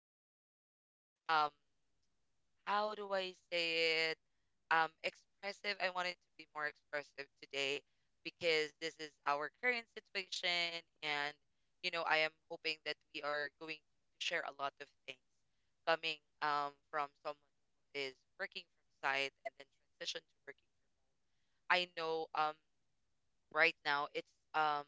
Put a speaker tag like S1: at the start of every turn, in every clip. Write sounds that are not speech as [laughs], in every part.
S1: very much, um, how do I say it? Expressive. I wanted to be more expressive today because this is our current situation, and, I am hoping that we are going to share a lot of things coming from someone who is working from site and then transition to working. I know right now it's um,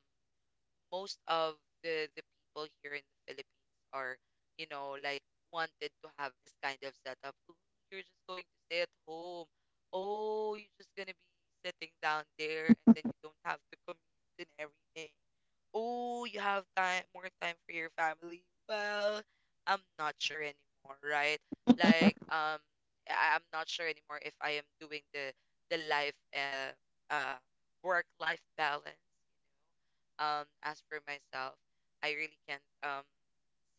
S1: most of the people here in the Philippines are, like wanted to have this kind of setup. Oh, you're just going to stay at home. Oh, you're just gonna be sitting down there and then you don't have to commute and everything. Oh, you have time more time for your family. Well, I'm not sure anymore, right? Like, I'm not sure anymore if I am doing the life uh work life balance as for myself, I really can't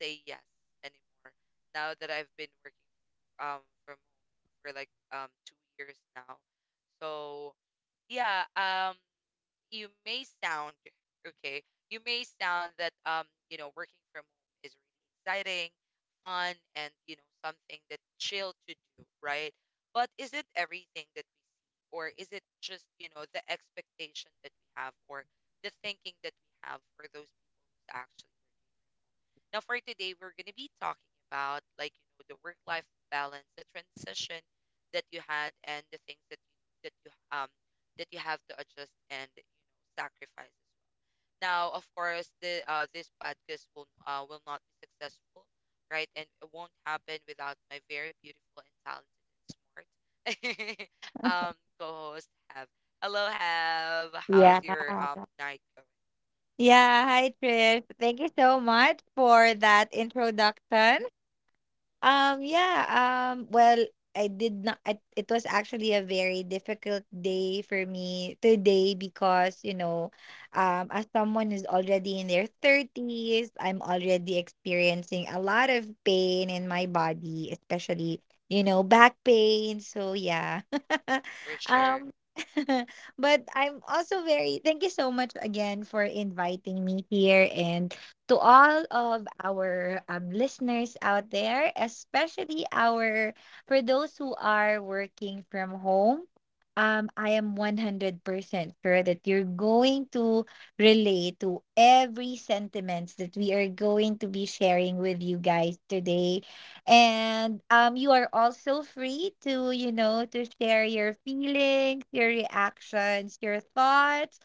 S1: say yes anymore. Now that I've been working from home for like 2 years now. So yeah, you may sound okay, you may sound that working from home is really exciting, fun, and, something that chill to do, right? But is it everything that we see, or is it just, the expectation that we have, or the thinking that we have for those people who's actually. Now, for today, we're going to be talking about, the work-life balance, the transition that you had, and the things that you have to adjust and, sacrifice as well. Now, of course, the this podcast will not be successful, right? And it won't happen without my very beautiful and talented and smart [laughs] um co-host Have. Hello, Have. How's
S2: Yeah.
S1: your night going?
S2: Yeah. Hi, Trish. Thank you so much for that introduction. Um, yeah,
S1: Hmm.
S2: um, well, I did not, it was actually a very difficult day for me today because, you know, as someone is already in their 30s, I'm already experiencing a lot of pain in my body, especially, you know, back pain. So, yeah. [laughs]
S1: For sure.
S2: Um, [laughs] but I'm also very, thank you so much again for inviting me here and to all of our listeners out there, especially our for those who are working from home. I am 100% sure that you're going to relate to every sentiments that we are going to be sharing with you guys today. And you are also free to, you know, to share your feelings, your reactions, your thoughts,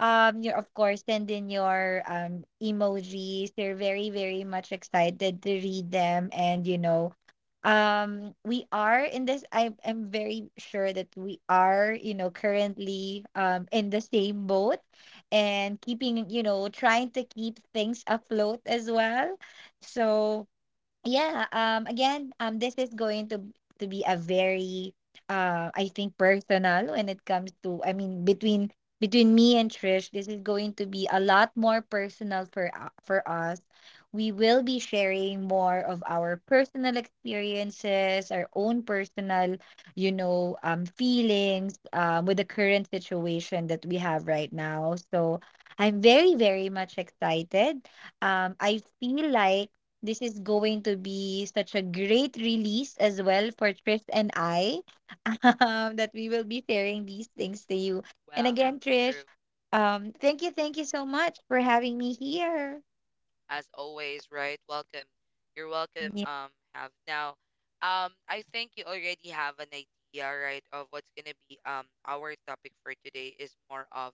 S2: your, of course, send in your emojis. They're very, very much excited to read them. And you know we are in this. I am very sure that we are, you know, currently in the same boat and keeping, you know, trying to keep things afloat as well. So yeah, again, this is going to be a very, I think, personal when it comes to, I mean, between me and Trish. This is going to be a lot more personal for for us. We will be sharing more of our personal experiences, our own personal, you know, feelings, with the current situation that we have right now. So I'm very, very much excited. I feel like this is going to be such a great release as well for Trish and I. [laughs] That we will be sharing these things to you. And
S1: Well,
S2: again,
S1: true.
S2: Trish, thank you so much for having me here.
S1: As always, right? Welcome. You're welcome,
S2: Yeah,
S1: Have. Now, I think you already have an idea, right, of what's gonna be our topic for today is more of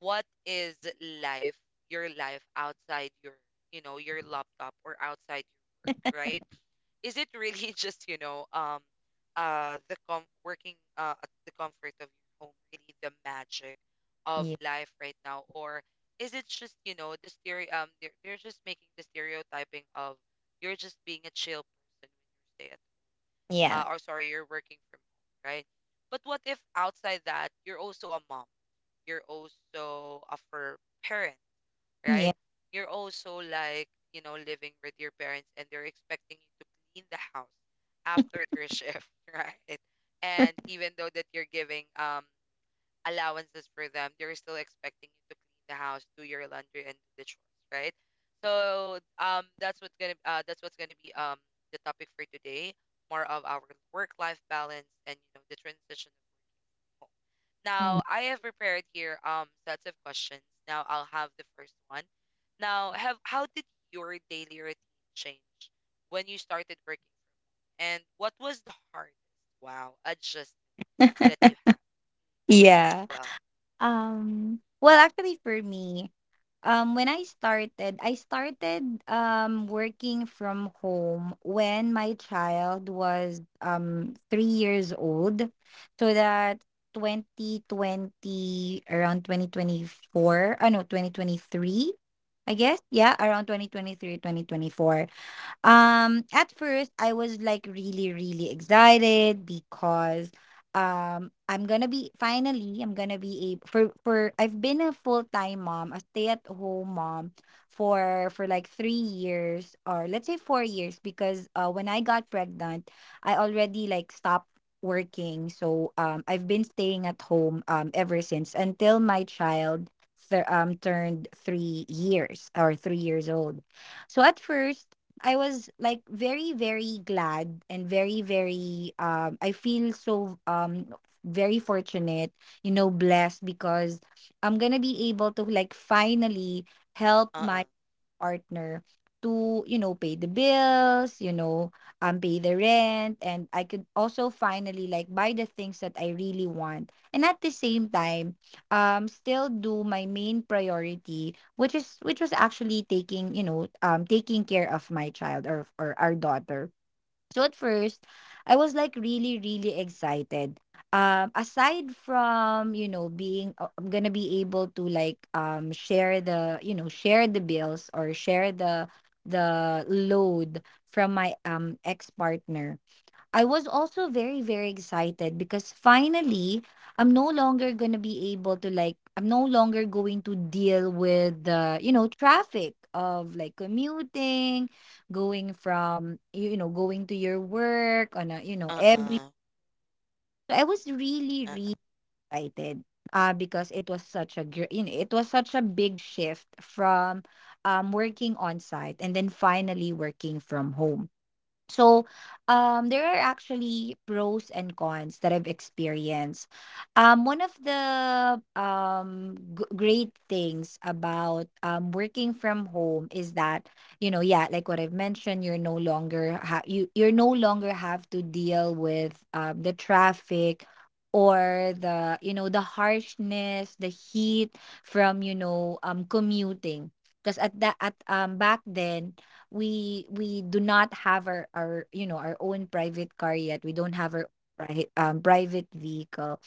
S1: what is life, your life outside your, your laptop or outside your work, right? Is it really [laughs] just, working, at the comfort of your home, really the magic of
S2: yeah,
S1: life right now? Or is it just, the stereo, they're just making the stereotyping of you're just being a chill person when you stay at,
S2: yeah,
S1: or sorry, you're working from home, right? But what if outside that you're also a mom, you're also a fur parent, right?
S2: yeah,
S1: You're also like, living with your parents and they're expecting you to clean the house after their shift, [laughs] right? And even though that you're giving allowances for them, they're still expecting you to clean the house, do your laundry and do the chores, right? So that's what's gonna be the topic for today, more of our work life balance and, the transition of both. Now, I have prepared here sets of questions. Now I'll have the first one. Now, have, how did your daily routine change when you started working from home? And what was the hardest, wow, adjustment that
S2: [laughs]
S1: you had?
S2: yeah.
S1: Well,
S2: Well, actually, for me, when I started, working from home when my child was 3 years old. So that 2020, around 2024, oh no, 2023, I guess, yeah, around 2023, 2024. At first, I was like really, really excited because I'm gonna be able for I've been a full-time mom, a stay-at-home mom for like 3 years, or let's say 4 years, because when I got pregnant, I already like stopped working. So I've been staying at home ever since until my child turned 3 years or 3 years old. So at first I was like very, very glad and very, very I feel so very fortunate, you know, blessed, because I'm gonna be able to like finally help
S1: uh-uh,
S2: my partner to, you know, pay the bills, you know, pay the rent. And I could also finally like buy the things that I really want. And at the same time, still do my main priority, which is which was actually taking, you know, taking care of my child, or our daughter. So at first, I was like really, really excited. Aside from, you know, being I'm gonna be able to like share the, you know, share the bills, or share the load from my ex partner. I was also very, very excited because, finally, I'm no longer going to be able to like, I'm no longer going to deal with the, you know, traffic of like commuting, going from, you know, going to your work on a, you know, every.
S1: uh-uh,
S2: I was really,
S1: uh-uh,
S2: really excited, because it was such a you know, it was such a big shift from working on site and then finally working from home. So, there are actually pros and cons that I've experienced. One of the great things about working from home is that, you know, yeah, like what I've mentioned, you're no longer you're no longer have to deal with the traffic or the you know the harshness, the heat from, you know, commuting. Because at that at back then, we do not have our, you know, our own private car yet. We don't have our private vehicle.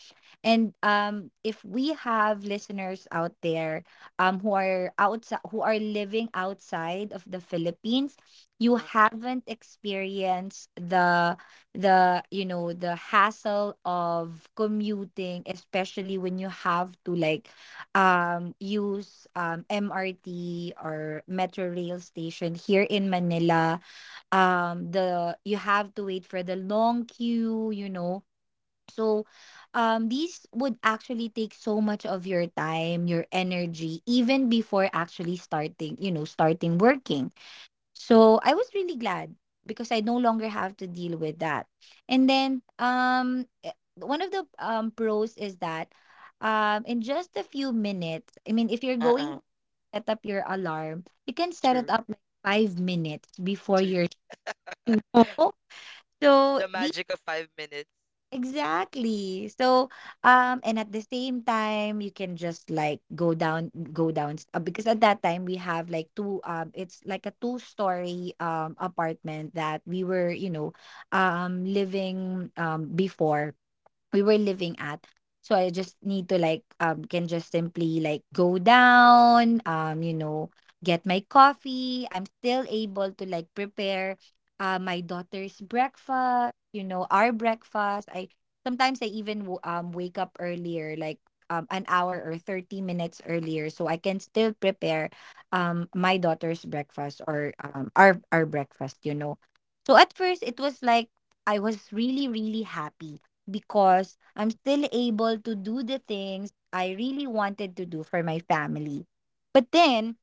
S2: And if we have listeners out there who are living outside of the Philippines, you
S1: mm,
S2: haven't experienced the you know, the hassle of commuting, especially when you have to like use MRT or metro rail station here in Manila. The you have to wait for the long queue, you know. So these would actually take so much of your time, your energy, even before actually starting, you know, starting working. So, I was really glad because I no longer have to deal with that. And then one of the pros is that in just a few minutes, I mean, if you're going to
S1: uh-uh,
S2: set up your alarm, you can set it
S1: true,
S2: up like 5 minutes before your
S1: true.
S2: [laughs] show. So,
S1: The magic of 5 minutes.
S2: exactly. So, and at the same time, you can just like go down, because at that time we have like two, it's like a two-story apartment that we were, you know, living before we were living at. So I just need to like can just simply like go down, you know, get my coffee. I'm still able to like prepare my daughter's breakfast, you know, our breakfast. I Sometimes I even wake up earlier, like an hour or 30 minutes earlier. So I can still prepare my daughter's breakfast, or our breakfast, you know. So at first it was like I was really, really happy, because I'm still able to do the things I really wanted to do for my family. But then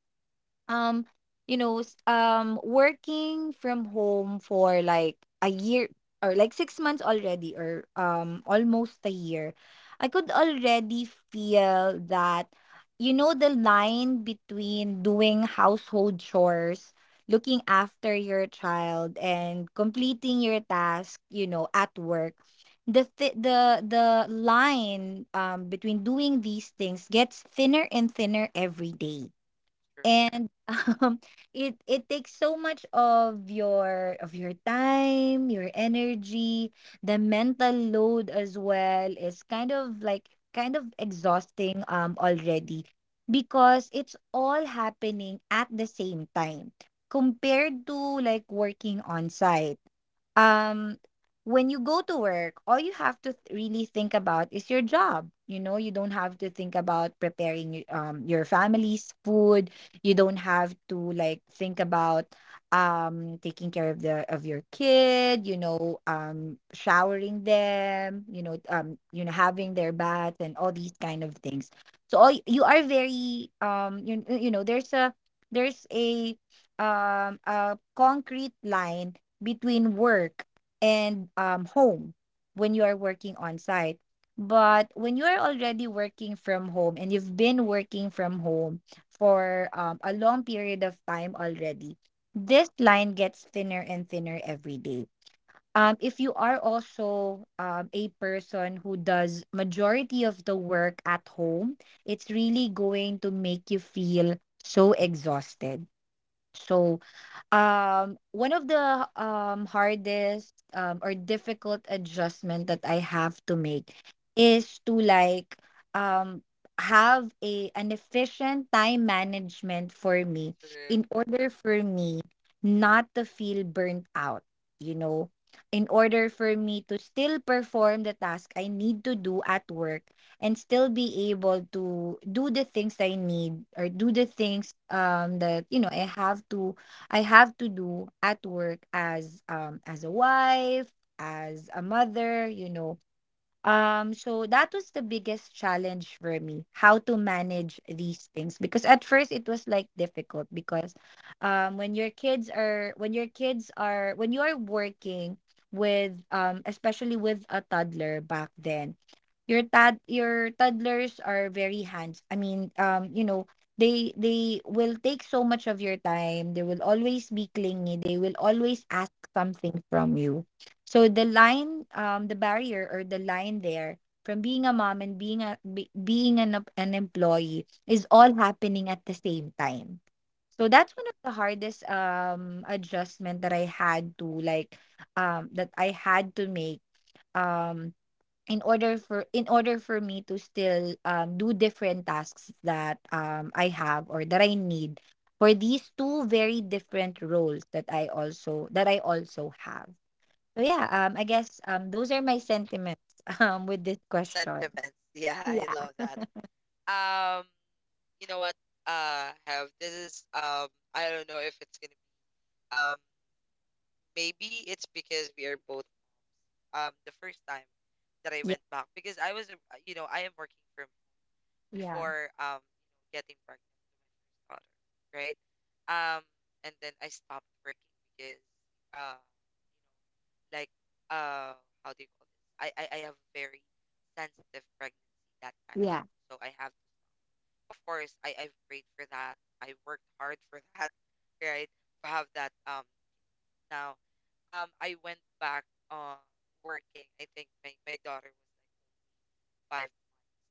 S2: um you know, working from home for like a year, or like 6 months already, or almost a year, I could already feel that, you know, the line between doing household chores, looking after your child, and completing your task, you know, at work, the line between doing these things gets thinner and thinner every day.
S1: True,
S2: And [laughs] um it takes so much of your time, your energy. The mental load as well is kind of like kind of exhausting already, because it's all happening at the same time, compared to like working on site. um when you go to work, all you have to really think about is your job, you know. You don't have to think about preparing your family's food. You don't have to like think about taking care of the of your kid, you know, showering them, you know, you know, having their bath and all these kind of things. So all, you are very you, you know, there's a there's a a concrete line between work and home when you are working on site. But when you are already working from home and you've been working from home for a long period of time already, this line gets thinner and thinner every day. If you are also a person who does majority of the work at home, it's really going to make you feel so exhausted. So one of the hardest or difficult adjustment that I have to make is to like um have a an efficient time management for me
S1: true,
S2: in order for me not to feel burnt out, you know. In order for me to still perform the task I need to do at work, and still be able to do the things I need, or do the things that, you know, I have to do at work, as a wife, as a mother, you know. So that was the biggest challenge for me, how to manage these things. Because at first it was like difficult because when your kids are when you are working with especially with a toddler back then, your tad your toddlers are very hands. I mean, you know, they will take so much of your time. They will always be clingy. They will always ask something from you. So the line, the barrier or the line there from being a mom and being being an employee is all happening at the same time. So
S1: true.
S2: that's one of the hardest adjustment that I had to like that I had to make um in order for me to still do different tasks that I have or that I need for these two very different roles that I also have. So yeah, I guess those are my sentiments [laughs] with this question.
S1: Sentiments. [laughs] Yeah, I
S2: Yeah.
S1: love that. Um, you know what? Have, this is I don't know if it's gonna. Um, maybe it's because we are both, the first time that I went back, because I was a- I am working from
S2: Yeah.
S1: before getting pregnant to my first daughter, right? Um, and then I stopped working because, uh like how do you call this? I have very sensitive pregnancy that time,
S2: Yeah.
S1: so I have, of course, I've prayed for that. I worked hard for that, [laughs] right? To have that now. I went back uh working. I think my daughter was like five,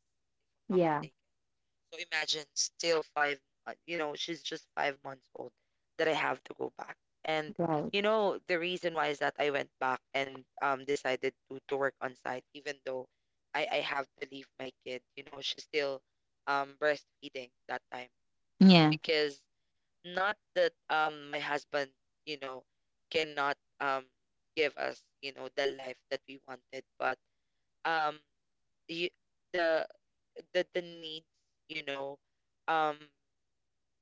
S1: if I'm not
S2: Yeah. Yeah.
S1: mistaken. So imagine still five, you know, she's just 5 months old that I have to go back. And
S2: Right.
S1: you know, the reason why is that I went back and decided to work on site, even though I have to leave my kid. You know, she's still breastfeeding that time
S2: Yeah.
S1: because, not that my husband, you know, cannot um give us, the life that we wanted, but um you, the the needs, you know, um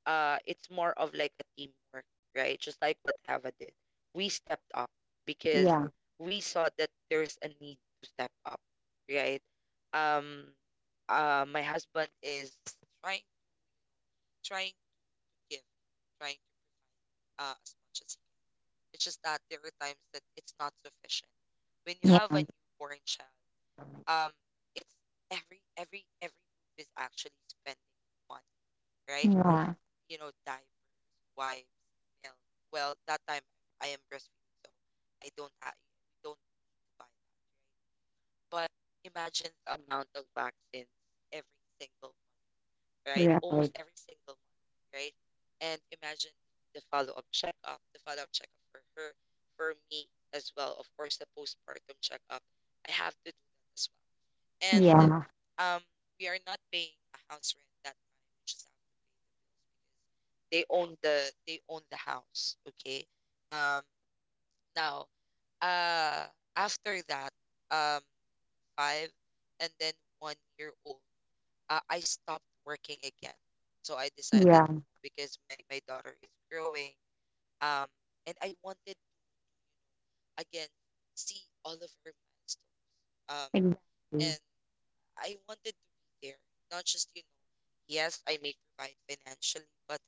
S1: it's more of like a teamwork, right? Just like what Ava did. We stepped up because
S2: Yeah.
S1: we saw that there's a need to step up, right? Um my husband is trying trying to give, trying to provide as much as. It's just that there are times that it's not sufficient. When you have a newborn child, um, it's every move is actually spending money, right?
S2: Yeah.
S1: You know, diapers, wipes, milk. Well, that time I am breastfeeding, so I don't have we don't buy that, right? But imagine the amount of vaccines every single month, right?
S2: Yeah.
S1: Almost
S2: Right.
S1: every single, right? And imagine the follow up checkup, the follow up checkup for her, for me as well. Of course, the postpartum checkup. I have to do that as well. And,
S2: Yeah.
S1: um, we are not paying a house rent that time. We just have to pay them because they own the house. Okay. Um, now, uh, after that, um, five and then one year old, I stopped working again. So I decided, you
S2: Yeah.
S1: know, because my daughter is growing, um and I wanted, again, see all of her milestones, um
S2: Exactly.
S1: and I wanted to be there, not just, yes I may provide financially, but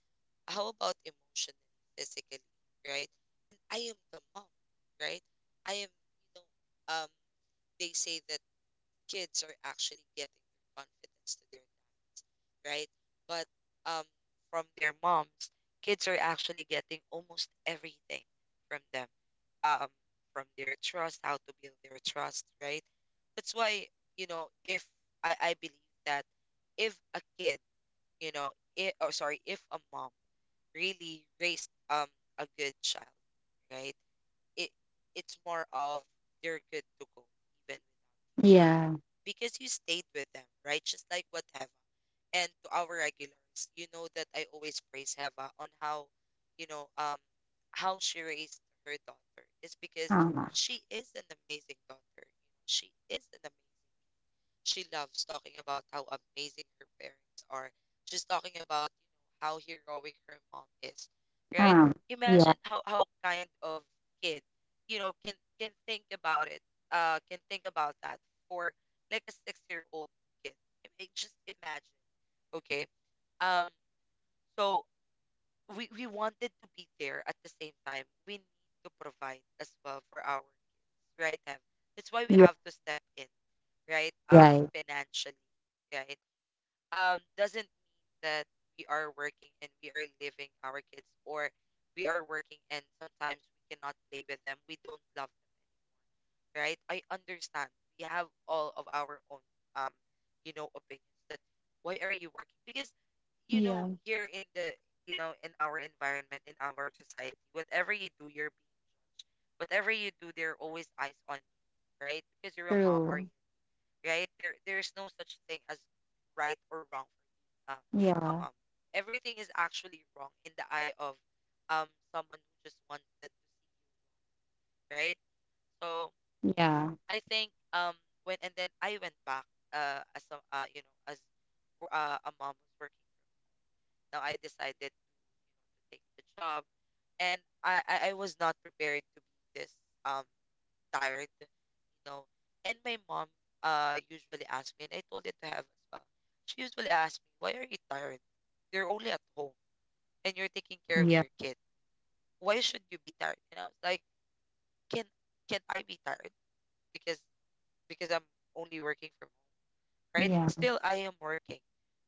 S1: how about emotionally, physically, right? And I am the mom, right? I am you know They say that kids are actually getting their confidence to their, right? But, um, from their moms, kids are actually getting almost everything from them, um, from their trust, how to build their trust, right? That's why, you know, if I believe that if a kid, you know, it, or sorry, if a mom really raised a good child, right? It it's more of they're good to go, even
S2: Yeah.
S1: because you stayed with them, right? Just like what Heva. And to our regulars, you know that I always praise Heva on how, you know, how she raised her daughter. It's because
S2: Um.
S1: she is an amazing daughter. You know, she is an amazing. She loves talking about how amazing her parents are. She's talking about, you know, how heroic her mom is, right?
S2: Um. Yeah.
S1: Imagine how kind of kid, you know, can think about it, can think about that, for like a six-year-old kid. I mean, just imagine, okay? Um, so we wanted to be there. At the same time, we need to provide as well for our kids, right? Have, that's why we
S2: Yeah.
S1: have to step in, right?
S2: Right.
S1: Financially, right? Doesn't mean that we are working and we are living our kids, or we are working and sometimes we cannot play with them, we don't love them, right? I understand, we have all of our own, um you know, opinions that why are you working, because you know
S2: Yeah.
S1: here in the, you know, in our environment, in our society, whatever you do, you're being, whatever you do, there are always eyes on you, right? Because you're a mom or you're,
S2: True.
S1: right? There is no such thing as right or wrong for a
S2: Yeah.
S1: mom. Everything is actually wrong in the eye of um someone who just wanted to see, right? So
S2: Yeah.
S1: I think when and then I went back as a you know, as a mom who's working. Now I decided to take the job, and I was not prepared to be this um tired, you know. And my mom usually asks me, and I told it to have as well. She usually asks me, "Why are you tired? You're only at home and you're taking care of
S2: Yeah.
S1: your kid. Why should you be tired?" And I was like, "Can can't I be tired? Because I'm only working from home, right?
S2: Yeah.
S1: Still, I am working,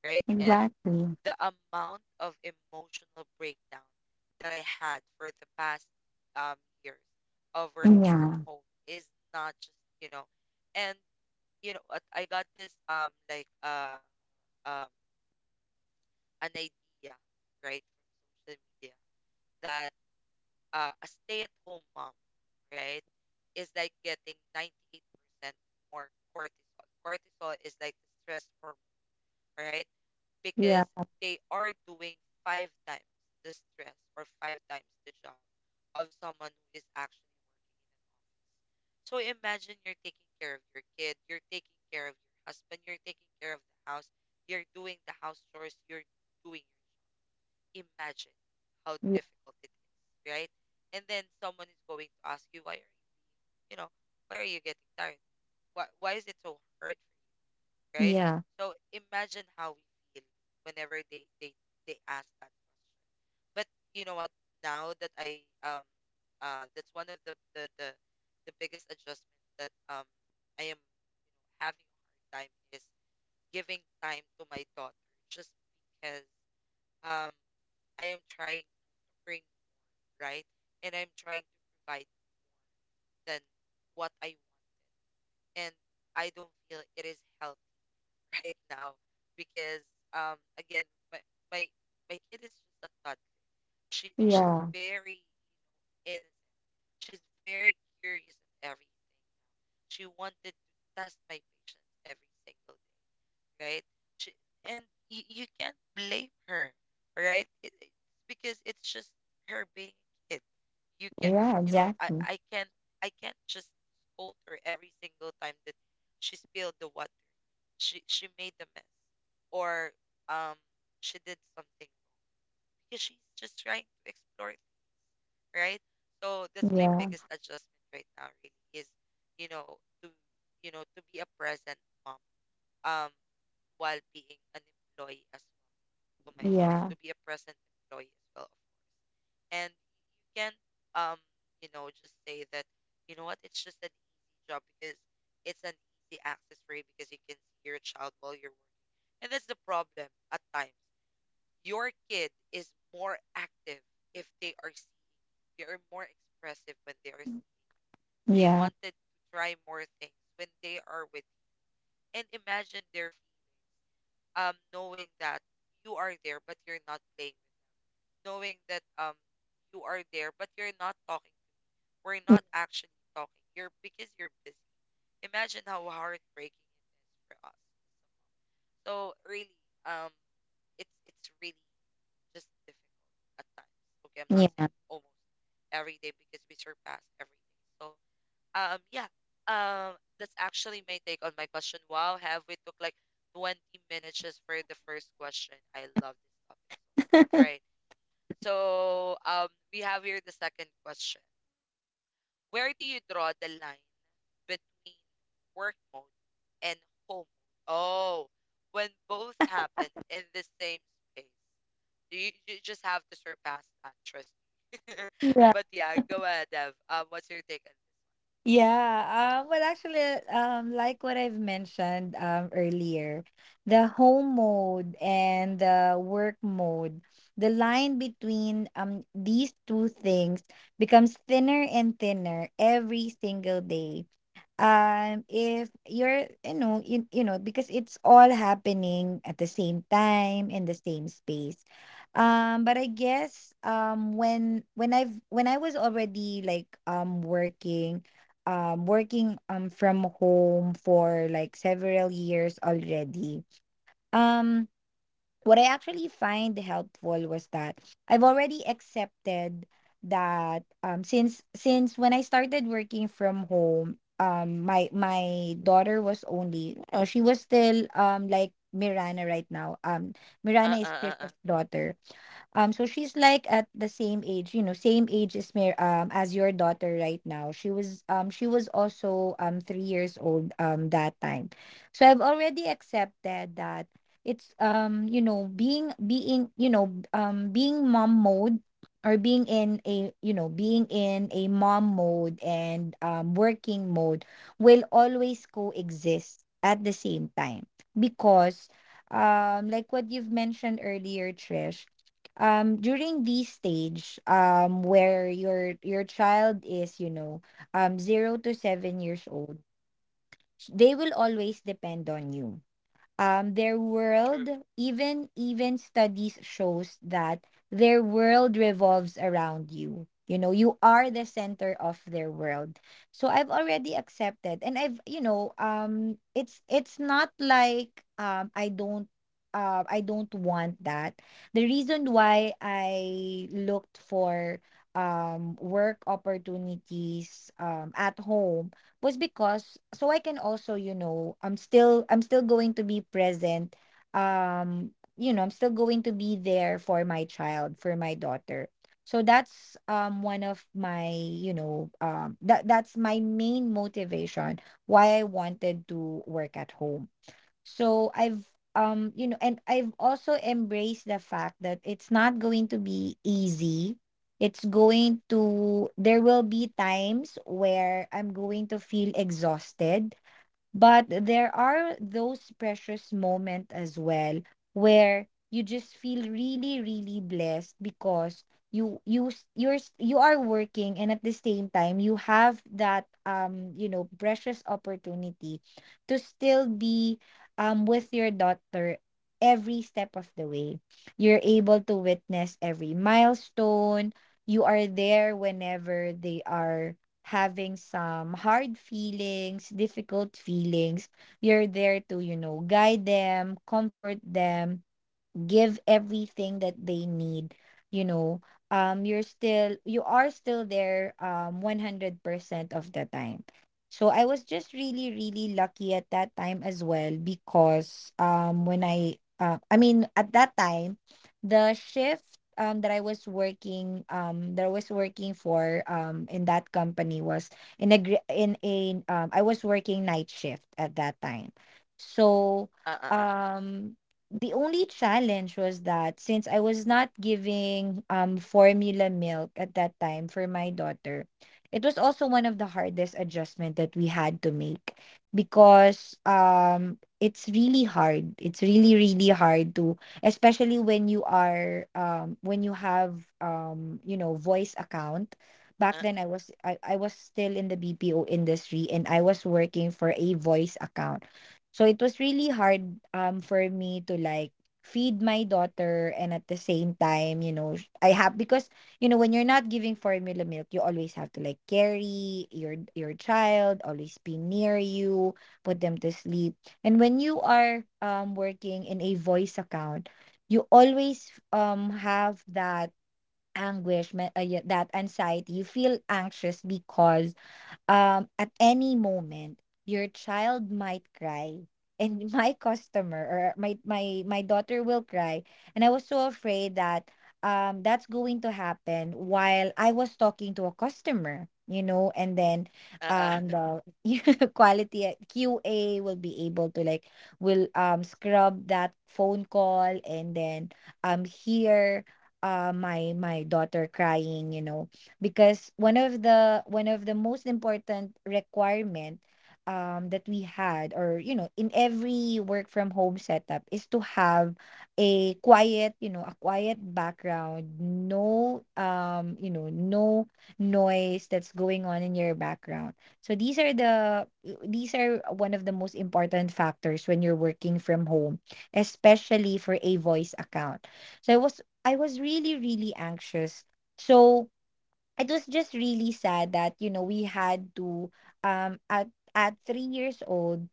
S1: right?" And
S2: Exactly.
S1: the amount of emotional breakdown that I had for the past um years of working from
S2: Yeah.
S1: home is not just, you know, and you know what, I got this um an idea, right, from social media that a stay-at-home mom, right, is like getting 98% more cortisol. Cortisol is like the stress hormone, right?
S2: Yeah.
S1: Because they are doing five times the stress or five times the job of someone who is actually. So imagine you're taking care of your kid, you're taking care of your husband, you're taking care of the house, you're doing the house chores, you're doing your job. Imagine how
S2: Yeah.
S1: difficult it is, right? And then someone is going to ask you, why are you, you know, why are you getting tired? Why is it so hard for you, right?
S2: Yeah.
S1: So imagine how we feel whenever they ask that question. But you know what? Now that I that's one of the biggest adjustment that I am having a hard time is giving time to my daughter just because um I am trying to bring right and I'm trying to provide than what I wanted, and I don't feel it is healthy [laughs] right now because again, my my my kid is just a thought. She's
S2: Yeah.
S1: very innocent. She's very curious at everything. She wanted to test my patience every single day, right? She, and y you can't blame her, right? It's because it's just her being a kid. You can,
S2: Yeah.
S1: I,
S2: Exactly.
S1: I can't, I can't just scold her every single time that she spilled the water. She made the mess, or um, she did something because she's just trying to explore, right? So that's my
S2: Yeah.
S1: biggest adjustment right now really is, you know, to to be a present mom um while being an employee as well. To my job,
S2: Yeah.
S1: to be a present employee as well. And you can um, just say that, you know what, it's just an easy job because it's an easy access for you because you can see your child while you're working. And that's the problem at times. Your kid is more active if they are seeing. They are more expressive when they are seeing. They
S2: Yeah.
S1: wanted to try more things when they are with you. And imagine their feet, knowing that you are there but you're not playing with them, knowing that you are there but you're not talking. We're not actually talking. You're because you're busy. Imagine how heartbreaking it is for us. So really, um, it's really just difficult at times. Okay, I'm not
S2: Yeah.
S1: saying almost every day because we surpass every day. So yeah. That's actually my take on my question. Wow, have we took like 20 minutes just for the first question? I love this topic so much. Right. So, we have here the second question. Where do you draw the line between work mode and home mode? Oh, when both happen in the same space, you just have to surpass that. Trust me. [laughs]
S2: Yeah.
S1: But yeah, go ahead, Dev. What's your take on
S2: Yeah. Well, actually, like what I've mentioned earlier, the home mode and the work mode, the line between these two things becomes thinner and thinner every single day. If you're you know you know because it's all happening at the same time in the same space. But I guess when I was already like working from home for like several years already. um what I actually find helpful was that I've already accepted that since when I started working from home, my daughter was only, oh, she was still like Mirana right now.
S1: this?
S2: Mirana is Krista's daughter. So she's like at the same age, you know, same age as Mir as your daughter right now. She was also 3 years old that time. So I've already accepted that it's you know being you know being mom mode, or being in a you know being in a mom mode, and working mode will always coexist at the same time, because like what you've mentioned earlier, Trish, during this stage where your child is you know 0 to 7 years old, they will always depend on you. Their
S1: True.
S2: world, even studies shows that their world revolves around you, you know, you are the center of their world. So I've already accepted, and I've you know it's not like I don't want that. The reason why I looked for work opportunities at home was because so I can also, you know, I'm still going to be present. Um, you know, I'm still going to be there for my child, for my daughter. So that's one of my, you know, that's my main motivation why I wanted to work at home. So I've you know, and I've also embraced the fact that it's not going to be easy. It's going to There will be times where I'm going to feel exhausted, but there are those precious moments as well, where you just feel really, really blessed, because you s- you're s- you are working, and at the same time you have that you know precious opportunity to still be with your daughter every step of the way. You're able to witness every milestone. You are there whenever they are having some hard feelings, difficult feelings. You're there to, you know, guide them, comfort them, give everything that they need, you know. You are still there 100% of the time. So I was just really, really lucky at that time as well, because when I I mean at that time, the shift that I was working for in that company was in a gr- in a I was working night shift at that time. So
S1: Uh, uh,
S2: um the only challenge was that since I was not giving formula milk at that time for my daughter, it was also one of the hardest adjustment that we had to make, because it's really hard. It's really, really hard to, especially when you have you know voice account. Back
S1: uh.
S2: then I was still in the BPO industry, and I was working for a voice account. So it was really hard for me to like feed my daughter, and at the same time, you know, I have because you know when you're not giving formula milk, you always have to like carry your child, always be near you, put them to sleep. And when you are working in a voice account, you always have that yeah, that anxiety. You feel anxious because at any moment, your child might cry, and [laughs] my customer or my daughter will cry, and I was so afraid that that's going to happen while I was talking to a customer, you know, and then
S1: Uh uh
S2: the [laughs] quality at QA will be able to like will scrub that phone call, and then hear my daughter crying, you know, because one of the most important requirement that we had or you know in every work from home setup is to have a quiet you know a quiet background, no you know no noise that's going on in your background. So these are one of the most important factors when you're working from home, especially for a voice account. So I was really, really anxious. So it was just really sad that you know we had to um at at 3 years old,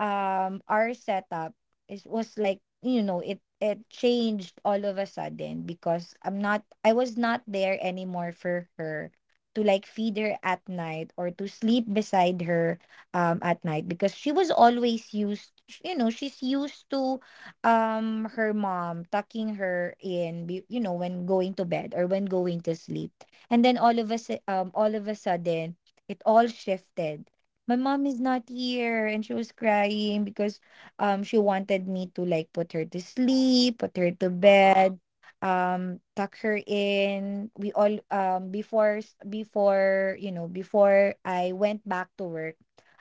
S2: our setup is was like you know it changed all of a sudden, because I was not there anymore for her to like feed her at night, or to sleep beside her at night, because she was always used, you know, she's used to her mom tucking her in, you know, when going to bed, or when going to sleep. And then all of a sudden, it all shifted. My mom is not here and she was crying, because she wanted me to like put her to
S1: Oh,
S2: sleep, put her to
S1: uh
S2: bed, tuck her in. We all before s- Before, you know, before I went back to work,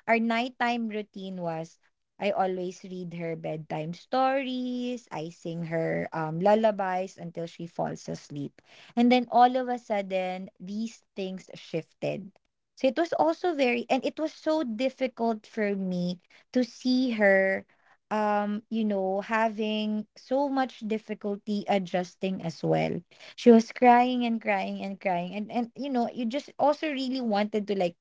S2: our nighttime routine was I always read her bedtime stories. I sing her lullabies until she falls asleep. And then all of a sudden, these things shifted. So it was also very, and it was so difficult for me to see her, you know, having so much difficulty adjusting as well. She was crying and crying and crying. And you know, you just also really wanted to like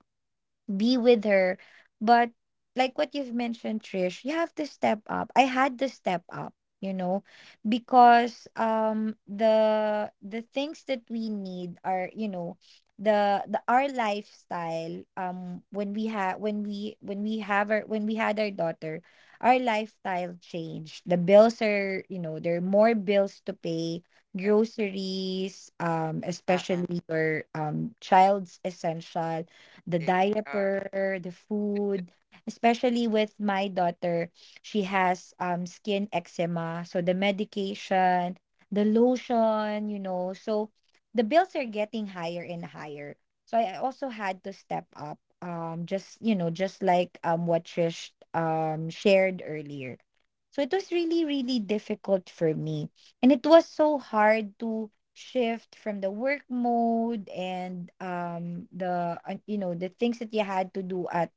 S2: be with her. But like what you've mentioned, Trish, you have to step up. I had to step up, you know, because the things that we need are, you know, the our lifestyle, when we have our when we had our daughter, our lifestyle changed. The bills are you know there are more bills to pay,
S1: [laughs] Right.
S2: groceries,
S1: uh
S2: especially your child's essential, the
S1: There are.
S2: diaper, the food, especially with my daughter. She has skin eczema, so the medication, the lotion, you know. So the bills are getting higher and higher. So I also had to step up. Just you know, just like what Trish shared earlier. So it was really, really difficult for me. And it was so hard to shift from the work mode, and the you know the things that you had to do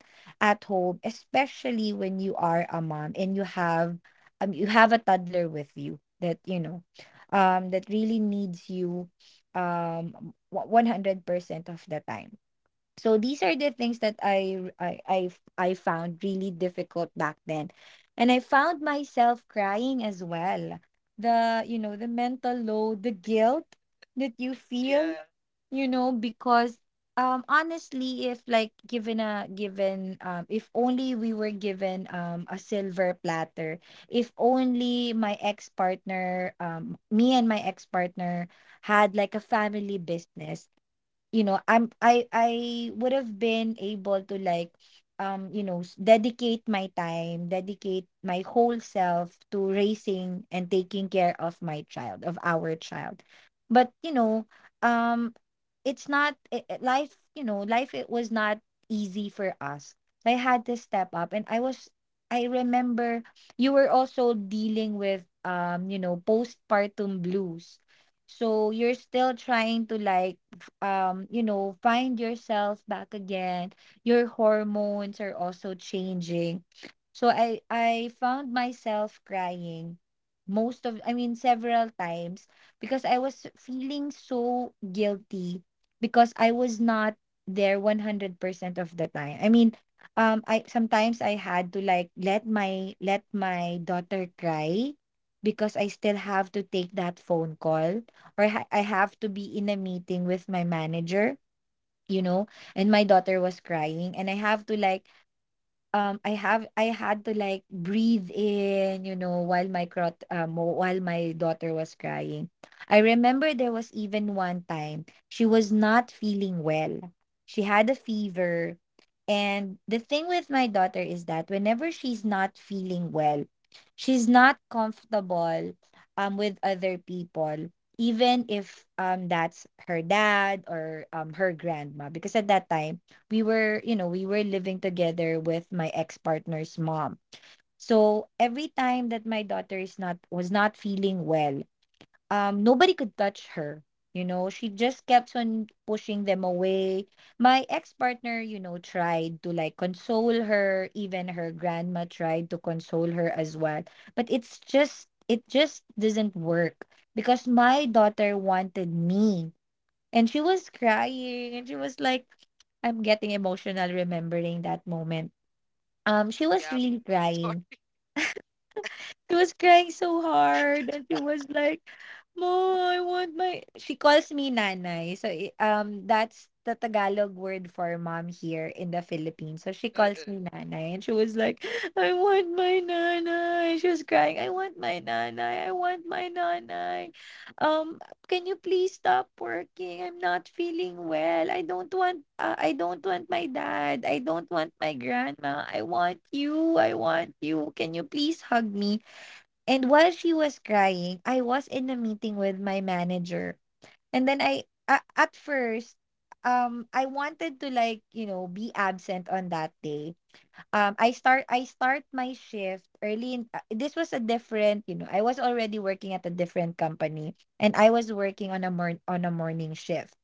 S2: at home, especially when you are a mom and you have a toddler with you that you know that really needs you um 100% of the time. So these are the things that I found really difficult back then. And I found myself crying as well. The, you know, the mental load, the guilt that you feel,
S1: Yeah.
S2: you know, because honestly, if like given if only we were given a silver platter, if only my ex-partner me and my ex-partner had like a family business, you know, I would have been able to like you know dedicate my time, dedicate my whole self to raising and taking care of my child, of our child. But you know um it's not I- I- life you know life it was not easy for us. I had to step up, and I remember you were also dealing with you know postpartum blues, so you're still trying to like you know find yourself back again. Your hormones are also changing. So I found myself crying, most of I mean, several times, because I was feeling so guilty, because I was not there 100% of the time. I mean, I sometimes I had to like let my daughter cry, because I still have to take that phone call, or I have to be in a meeting with my manager, you know, and my daughter was crying, and I had to like breathe in, you know, while my crot while my daughter was crying. I remember there was even one time she was not feeling well. She had a fever. And the thing with my daughter is that whenever she's not feeling well, she's not comfortable with other people, even if that's her dad or her grandma. Because at that time we were living together with my ex-partner's mom. So every time that my daughter is not was not feeling well, nobody could touch her. You know, she just kept on pushing them away. My ex-partner tried to like console her. Even her grandma tried to console her as well. But it just doesn't work because my daughter wanted me, and she was crying, and she was like — I'm getting emotional remembering that moment. She was
S1: Yeah.
S2: really
S1: I'm
S2: crying.
S1: [laughs] sorry.
S2: She was crying so hard, and she was like, "Mo, I want my." She calls me nanay. So that's the Tagalog word for mom here in the Philippines. So she calls
S1: Uh-uh.
S2: me nanay, and she was like, "I want my nanay." She was crying, "I want my nanay. I want my nanay. Um, can you please stop working? I'm not feeling well. I don't want. I don't want my dad. I don't want my grandma. I want you. I want you. Can you please hug me?" And while she was crying, I was in a meeting with my manager. And then at first, I wanted to like, you know, be absent on that day. I start my shift early in — this was a different, you know, I was already working at a different company, and I was working on a on a morning shift.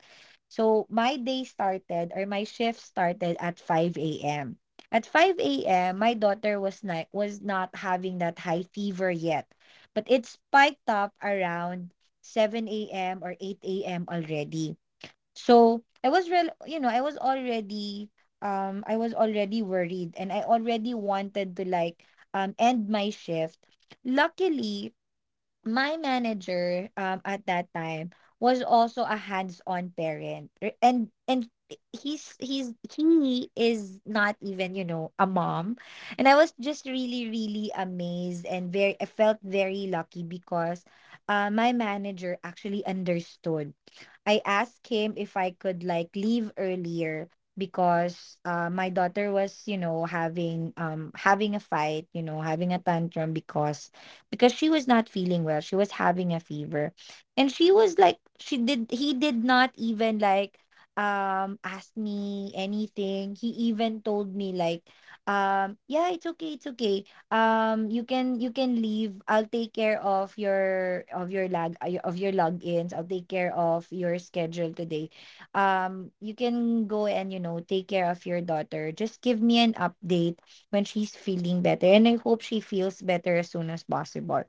S2: So my day started, or my shift started, at 5 a.m. At 5 a.m. my daughter was not having that high fever yet, but it spiked up around 7 a.m. or 8 a.m. already. So I was already worried, and I already wanted to like end my shift. Luckily, my manager, at that time, was also a hands-on parent, and he is not even, you know, a mom. And I was just really, really amazed, and very I felt very lucky, because my manager actually understood. I asked him if I could like leave earlier, because my daughter was, you know, having — having a fight, you know, having a tantrum, because she was not feeling well. She was having a fever. And she was like — she did he did not even like ask me anything. He even told me like, "Yeah, it's okay, it's okay. You can leave. I'll take care of your — of your lag of your logins. I'll take care of your schedule today. You can go, and, take care of your daughter. Just give me an update when she's feeling better. And I hope she feels better as soon as possible."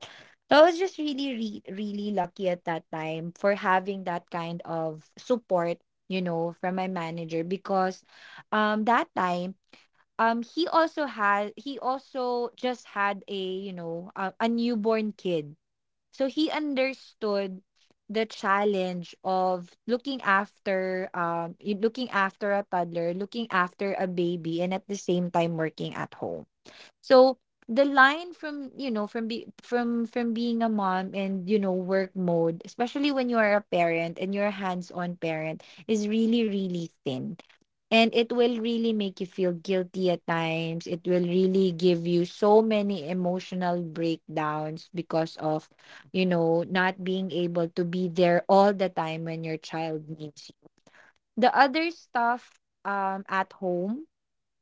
S2: So I was just really lucky at that time for having that kind of support, you know, from my manager, because that time, he also just had, a you know, a newborn kid. So he understood the challenge of looking after — looking after a toddler, looking after a baby, and at the same time working at home. So the line from being a mom and, work mode, especially when you are a parent and you're a hands-on parent, is really, really thin. And it will really make you feel guilty at times. It will really give you so many emotional breakdowns because of, not being able to be there all the time when your child needs you. The other stuff, at home,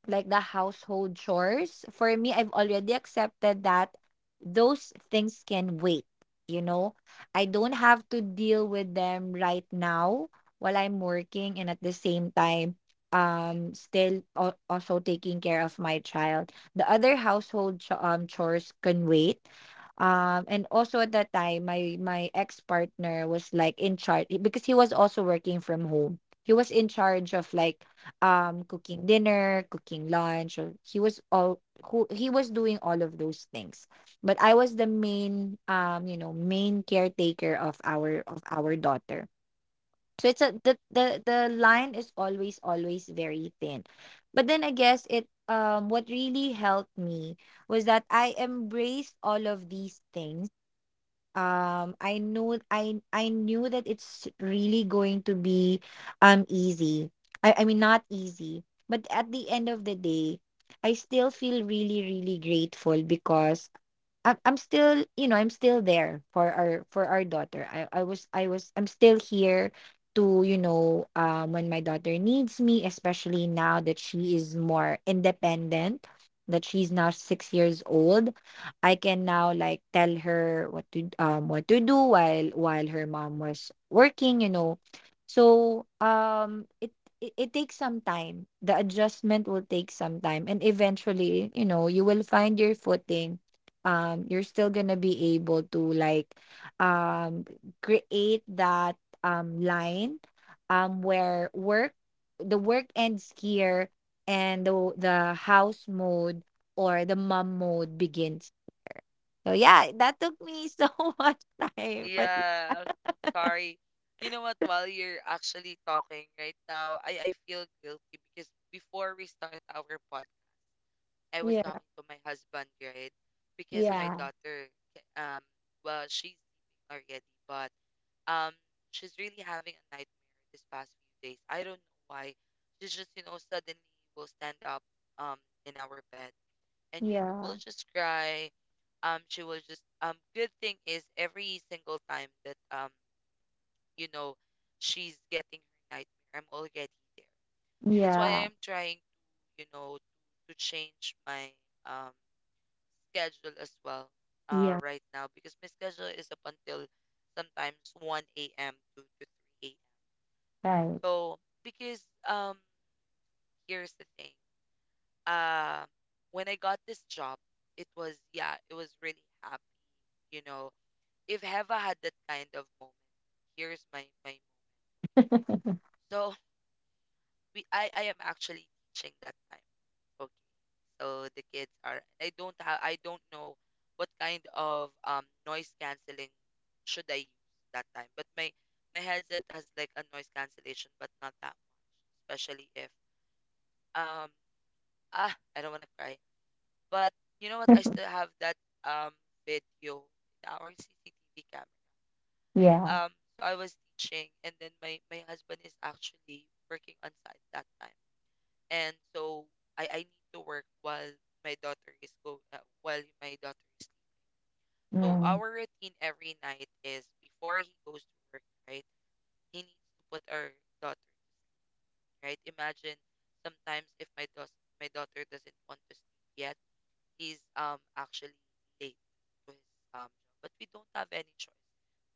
S2: like the household chores — for me, I've already accepted that those things can wait. You know, I don't have to deal with them right now while I'm working and, at the same time, still also taking care of my child. The other household chores can wait. And also at that time, my ex partner was like in charge, because he was also working from home. He was in charge of like, cooking dinner, cooking lunch — or he was doing all of those things. But I was the main, main caretaker of our daughter. So it's a the line is always, always very thin. But then I guess it what really helped me was that I embraced all of these things. I know, I knew that it's really going to be easy — I mean, not easy, but at the end of the day I still feel really, really grateful, because I'm still, I'm still there for our daughter. I'm still here to, when my daughter needs me, especially now that she is more independent, that she's now 6 years old. I can now like tell her what to — what to do while her mom was working. So, it takes some time. The adjustment will take some time, and eventually, you will find your footing. You're still gonna be able to like um create that line, where work the work ends here and the house mode, or the mom mode, begins. So yeah, that took me so [laughs] much time. But
S1: Yeah. Sorry. You know what? While you're actually talking right now, I feel guilty because before we start our podcast, I was
S2: yeah,
S1: talking to my husband, right? Because my
S2: yeah,
S1: daughter, ca- um, well, she's sleeping already, but Um, she's really having a nightmare this past few days. I don't know why. She just, you know, suddenly will stand up um in our bed, and you know,
S2: yeah,
S1: we'll just cry. She will just good thing is every single time that you know, she's getting her nightmare, I'm already there. That's why I
S2: yeah,
S1: am trying to, you know, to change my um schedule as well
S2: yeah,
S1: right now because my schedule is up until sometimes 1 a.m. To 3 a.m.
S2: right.
S1: So because here's the thing. Uh when I got this job, it was yeah, it was really happy, you know. If Heva had that kind of moment, here's my moment.
S2: [laughs]
S1: So we I am actually teaching that time. Okay. So the kids are I don't have I don't know what kind of noise canceling should I use that time. But my headset has like a noise cancellation but not that much, especially if um ah, I don't want to cry. But you know what? I still have that um video in our CCTV camera.
S2: Yeah,
S1: Um, so I was teaching, and then my husband is actually working on site that time, and so I need to work while my daughter is go while my daughter is sleeping. So
S2: yeah,
S1: our routine every night is before he goes to work, right? He needs to put our daughter to sleep, right? Imagine sometimes if my daughter doesn't want to sleep yet is actually late to his job, but we don't have any choice.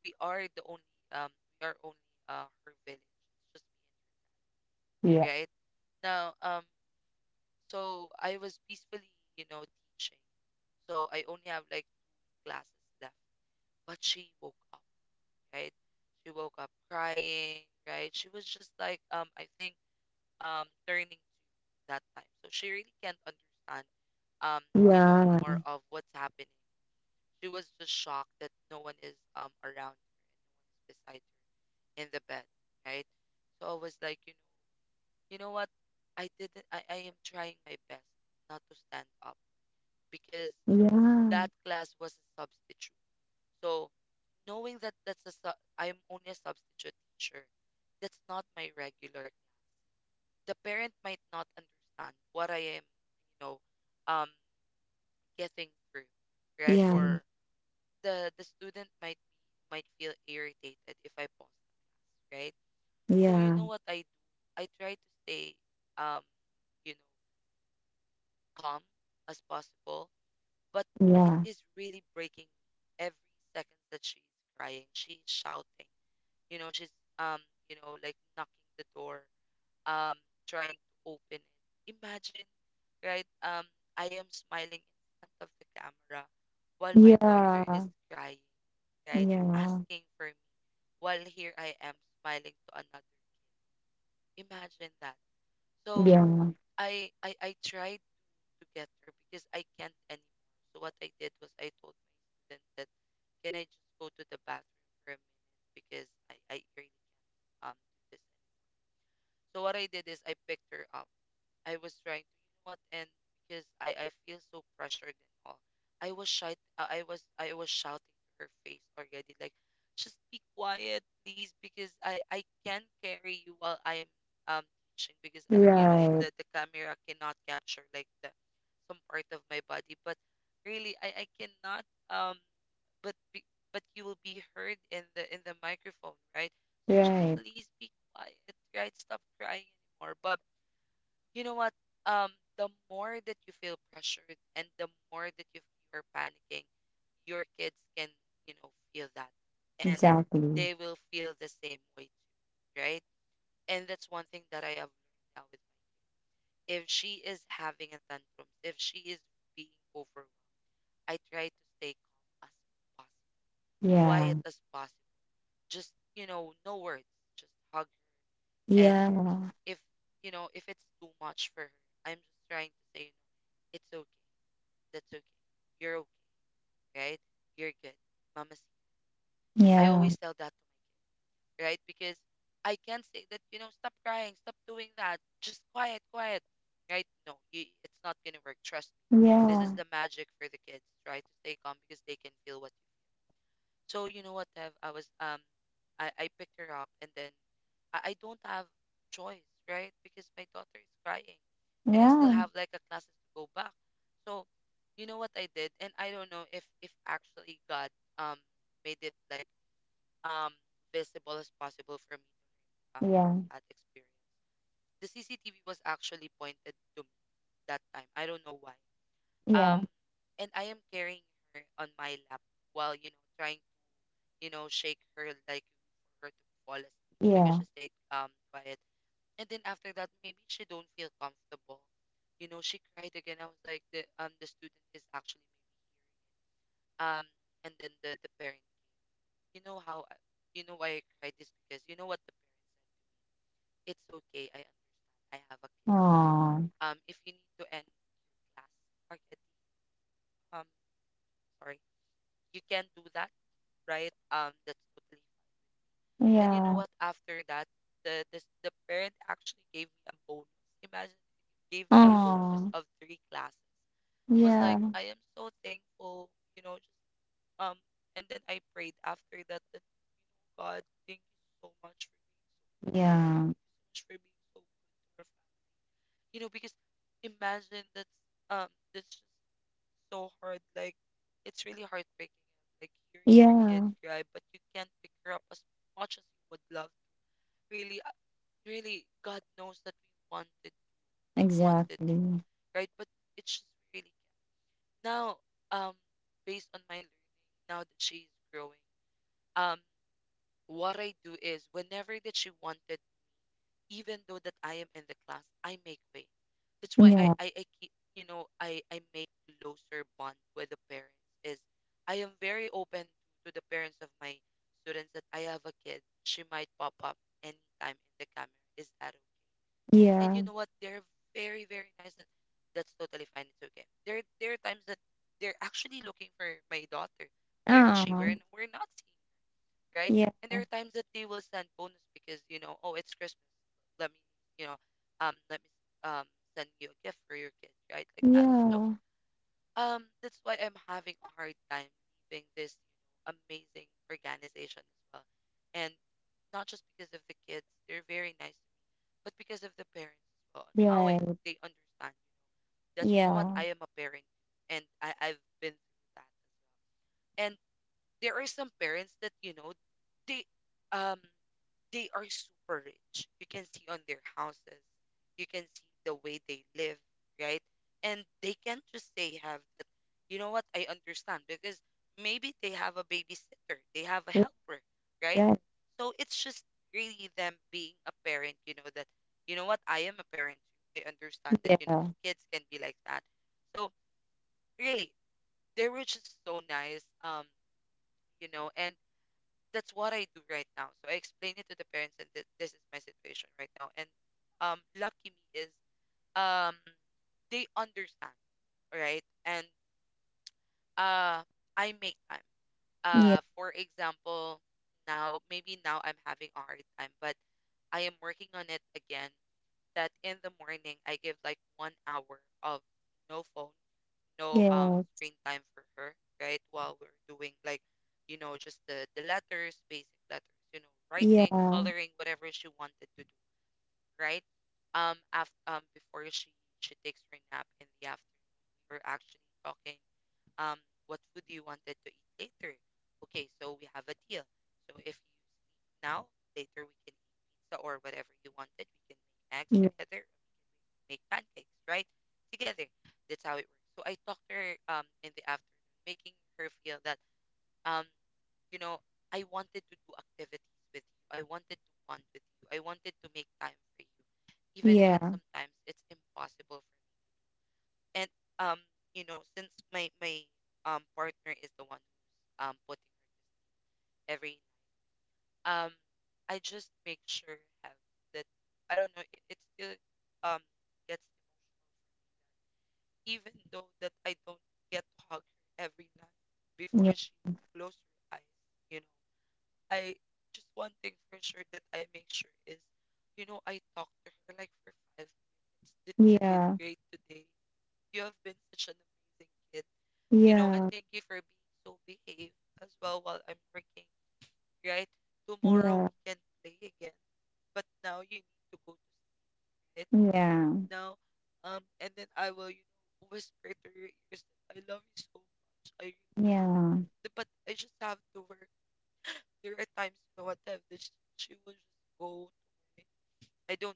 S1: We are the only um we are only her village. It's just me
S2: yeah,
S1: and her, right? Now so I was peacefully, you know, teaching. So I only have like two classes left. But she woke up, right? She woke up crying, right? She was just like I think turning two that time. So she really can't understand um, you know, more of what's happening. She was just shocked that no one is around her and no one is beside her in the bed, right? So I was like, you know what? I didn't I am trying my best not to stand up because
S2: yeah, yeah,
S1: that class was a substitute. So knowing that that's a sub, I'm only a substitute teacher. That's not my regular class. The parent might not understand what I am, you know, um getting through, right?
S2: yeah,
S1: Or the student might be might feel irritated if I pause the class, right? So you
S2: yeah,
S1: know what I do? I try to stay um, you know, calm as possible, but it
S2: yeah,
S1: is really breaking me every second that she's crying, she's shouting, you know, she's um, you know, like knocking the door um trying to open it. Imagine, right? I am smiling in front of the camera while my daughter is
S2: yeah,
S1: crying, right?
S2: yeah,
S1: Asking for me. While here I am smiling to another kid. Imagine that. So
S2: yeah.
S1: I tried to get her because I can't anymore. So what I did was I told my student that can I just go to the bathroom for a minute because I really can't do this. So what I did is I picked her up. I was trying to, you know what? And because I feel so pressured and all, I was shy. I was shouting to her face already, like, just be quiet, please, because I can carry you while I am um teaching because you know
S2: Right,
S1: the camera cannot capture like the some part of my body, but really I cannot um but be, but you will be heard in the microphone, right? So just
S2: right.
S1: please be quiet, right? Stop crying anymore, but you know what? Um, the more that you feel pressured and the more that you you're panicking, your kids can, you know, feel that. And
S2: Exactly.
S1: they will feel the same way too, right? And that's one thing that I have learned now with my if she is having a tantrum, if she is being overwhelmed, I try to stay calm as possible,
S2: Yeah,
S1: quiet as possible. Just, you know, no words. Just hug her. And
S2: yeah,
S1: if you know, if it's too much for her, I'm just trying to say, you know, it's okay. That's okay. You're okay, right? You're good. Mama's I
S2: yeah,
S1: always tell that to my kid, right? Because I can't say that, you know, stop crying, stop doing that. Just quiet, quiet. Right? No, you, it's not gonna work. Trust me. This is
S2: yeah,
S1: the magic for the kids. Try to stay calm because they can feel what so you know what, Dev, I was I picked her up and then I don't have choice, right? Because my daughter is crying and I still
S2: yeah,
S1: have like a classes to go back. So you know what I did? And I don't know if actually God um made it like um visible as possible for me from
S2: yeah,
S1: that experience. The CCTV was actually pointed to me that time. I don't know why. Um
S2: yeah,
S1: and I am carrying her on my lap while you know trying you know, shake her like for her to fall asleep because
S2: yeah.
S1: she stayed quiet. And then after that, maybe she don't feel comfortable. You know, she cried again. I was like, the student is actually maybe and then the parent came. You know how I- you know why I cried is because you know what the parent said. It's okay. I understand. I have a kid.
S2: Aw,
S1: If you need to end class, Arcady, um, sorry, you can do that, right? That's totally And you know
S2: yeah,
S1: what? After that, the parent actually gave me a bonus. Imagine gave me a
S2: aw,
S1: bonus of three classes. Was like,
S2: yeah,
S1: I am so thankful, you know, just um and then I prayed after that that, you know, God, thank you so much for
S2: yeah,
S1: being so nice, so much for being so good to our family. You know, because imagine um that's just so hard. Like it's really heartbreaking, like hearing your kid
S2: yeah.
S1: cry, but you can't pick her up as much as you would love. Really, really God knows that we wanted
S2: Exactly.
S1: right but it's just really can't. Now um based on my learning now that she's growing, um what I do is whenever that she wanted, even though that I am in the class, I make way. That's why I
S2: Yeah,
S1: I, I keep, you know, I make closer bond with the parents is I am very open to the parents of my students that I have a kid. She might pop up anytime in the camera, is that okay? And you
S2: yeah.
S1: know what? They're very, very nice. That's totally fine. It's okay. There are times that they're actually looking for my daughter. Where is she? We're
S2: Aw,
S1: we're not seeing her, right?
S2: yeah,
S1: And there are times that they will send bonus because, you know, oh, it's Christmas. Let me, you know, let me send you a gift for your kid, right? Like that. So
S2: yeah.
S1: that's why I'm having a hard time leaving this, you know, amazing organization as well, and not just because of the kids. They're very nice, but because of the parents as well, and how I,
S2: Right,
S1: they understand you that, you know what,
S2: yeah,
S1: I am a parent too, and I've been through that as well. And there are some parents that, you know, they um they are super rich. You can see on their houses, you can see the way they live, right? And they can't just say have that, you know what, I understand because maybe they have a babysitter, they have a helper, right?
S2: right,
S1: So it's just really them being a parent, you know, that, you know what, I am a parent too. I understand that, you know,
S2: yeah,
S1: kids can be like that. So really, they were just so nice. You know, and that's what I do right now. So I explain it to the parents and this is my situation right now. And lucky me is um they understand, right? And uh I make time.
S2: yeah,
S1: For example, now maybe now I'm having a hard time, but I am working on it again, that in the morning I give like 1 hour of no phone, no
S2: yes,
S1: screen time for her, right? While we're doing, like, you know, just the letters, basic letters, you know, writing,
S2: yeah,
S1: coloring, whatever she wanted to do, right? After before she takes her nap in the afternoon, we were actually talking, um what food you wanted to eat later. Okay, so we have a deal. So if you sleep now, later we can eat pizza or whatever you wanted. We can make eggs together, make pancakes, right? Together. That's how it works. So I talked to her in the afternoon, making her feel that, um, you know, I wanted to do activities with you. I wanted to bond with you. I wanted to make time for you. Even if it's
S2: yeah,
S1: sometimes it's impossible for me. And um, you know, since my partner is the one who's putting her to sleep every night. Um I just make sure have that I don't know, it still um gets, even though that I don't get to hug her every night before
S2: yeah.
S1: she closes her eyes, you know. I just one thing for sure that I make sure is, you know, I talk to her like for 5 minutes that you did
S2: Yeah,
S1: great today. You have been such an amazing kid, you know, and
S2: yeah,
S1: thank you for being so behaved as well while I'm working, right? Tomorrow
S2: yeah,
S1: we can play again, but now you need to go to sleep
S2: yeah,
S1: now. And then I will, you know, whisper to your ears that I love you so much. I really,
S2: yeah,
S1: but I just have to work. There are times, you know, what I have this, she will just go to my, I don't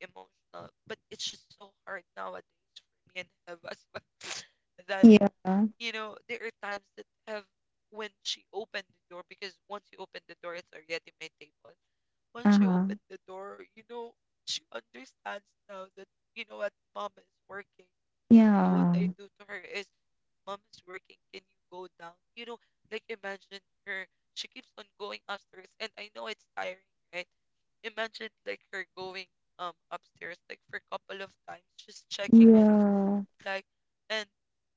S1: be emotional, but it's just so hard nowadays for me and have as well [laughs] that,
S2: yeah,
S1: you know, there are times that have when she opened the door, because once you open the door, it's already my table. Once she
S2: uh-huh,
S1: opened the door, you know, she understands now that, you know what, mom is working. So what
S2: yeah,
S1: I do to her is, mom is working. Can you go down? You know, like imagine her. She keeps on going upstairs, and I know it's tiring, right? Imagine like her going upstairs like for a couple of times, just checking on me,
S2: yeah,
S1: like. And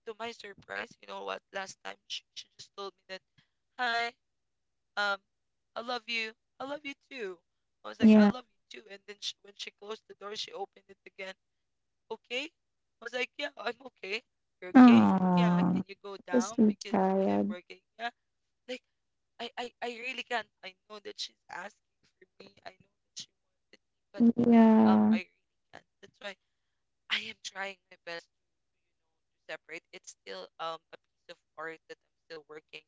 S1: to my surprise, you know what? Last time she just told me that, hi, um, I love you. I love you too. I was like, I
S2: yeah.
S1: love you too. And then she, when she closed the door, she opened it again, okay? I was like, yeah, I'm okay. You're okay? Yeah,
S2: Aww,
S1: can you go
S2: just
S1: down
S2: be
S1: because I am
S2: tired.
S1: working? Yeah, like I really can't. I know that she's asking for me. I know that she wanted me, but
S2: Yeah,
S1: I really can't. That's why I am trying my best to separate. It's still a piece of art that I'm still working.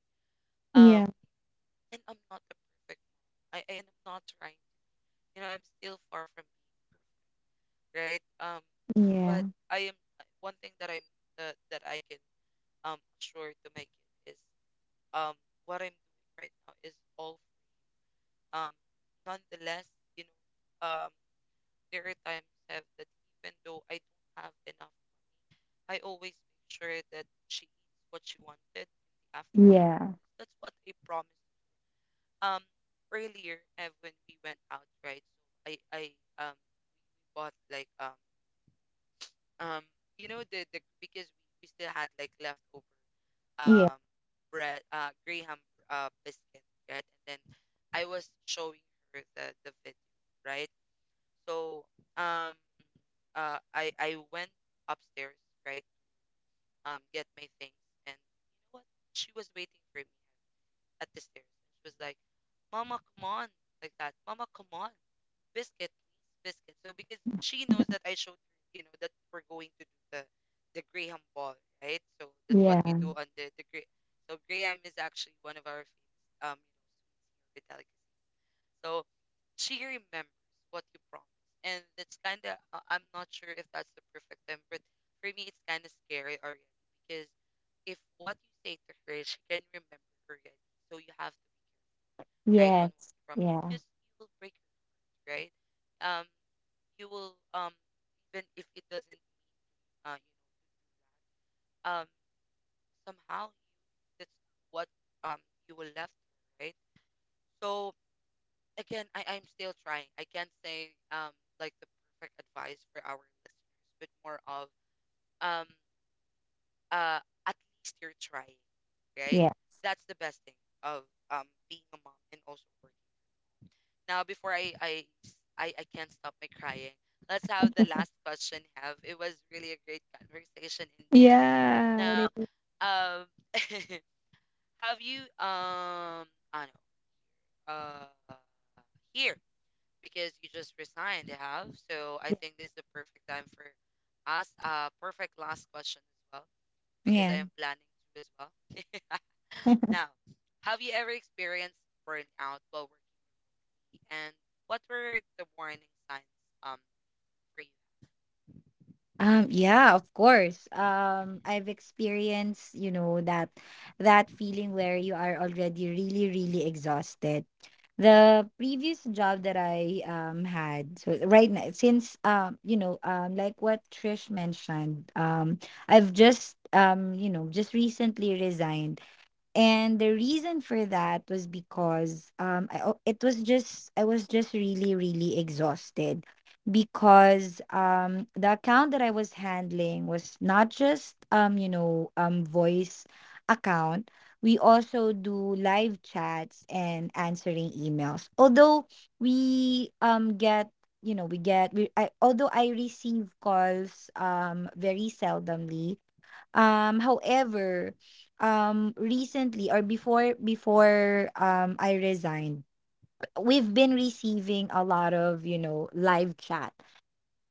S1: Um,
S2: yeah,
S1: and I'm not a perfect. And I'm not trying to. You know, I'm still far from being right. But
S2: yeah,
S1: I am one thing that I'm that I can assure to my kid is um what I'm doing right now is all um nonetheless, you know, there are times have that, even though I don't have enough, I always make sure that she eats what she wanted in the afternoon.
S2: yeah,
S1: That's what I promised. Um Earlier Ev, when we went out, right? So I um bought like um you know the because we still had like leftover
S2: yeah,
S1: um bread, graham, biscuit, right? And then I was showing her the video, right? So um I went upstairs, right, get my things. And you know what, she was waiting for me at the stairs, and she was like, mama, come on, like that. Mama, come on, biscuit, please, biscuit. So because she knows that I showed her, you know, that we're going to do the Graham ball, right? So
S2: [laughs]
S1: that's what you
S2: yeah,
S1: do on the so Graham is actually one of our famous you know delicacy. So she remembers what you promised, and that's kind of, I'm not sure if that's the perfect time, but for me it's kind of scary already, because if what you say to her she can remember already, so you have to be careful, right, on what
S2: yes,
S1: you promise,
S2: yeah,
S1: because you will break her, right? Um, you will even if it doesn't you know that somehow you that's what um you will left, right? So again, I'm still trying. I can't say like the perfect advice for our listeners, but more of um uh at least you're trying, right?
S2: yeah,
S1: That's the best thing of being a mom and also working. Now before I can't stop my crying, let's have the last question have it was really a great conversation.
S2: yeah. Yeah.
S1: Now, um, [laughs] have you I know, uh, here, because you just resigned, have so I think this is the perfect time for us. Perfect last question as well, because I
S2: Yeah.
S1: am planning to as well. [laughs]
S2: [laughs]
S1: Now, have you ever experienced burnout while working, and what were the warning signs um for you?
S2: Yeah, of course. I've experienced, you know, that feeling where you are already really, really exhausted. The previous job that I had — so right now, since, like what Trish mentioned, I've just recently resigned, and the reason for that was because I was just really, really exhausted, because the account that I was handling was not just, voice account. We also do live chats and answering emails. Although we get although I receive calls very seldomly. However, recently, or before I resigned, we've been receiving a lot of, live chat.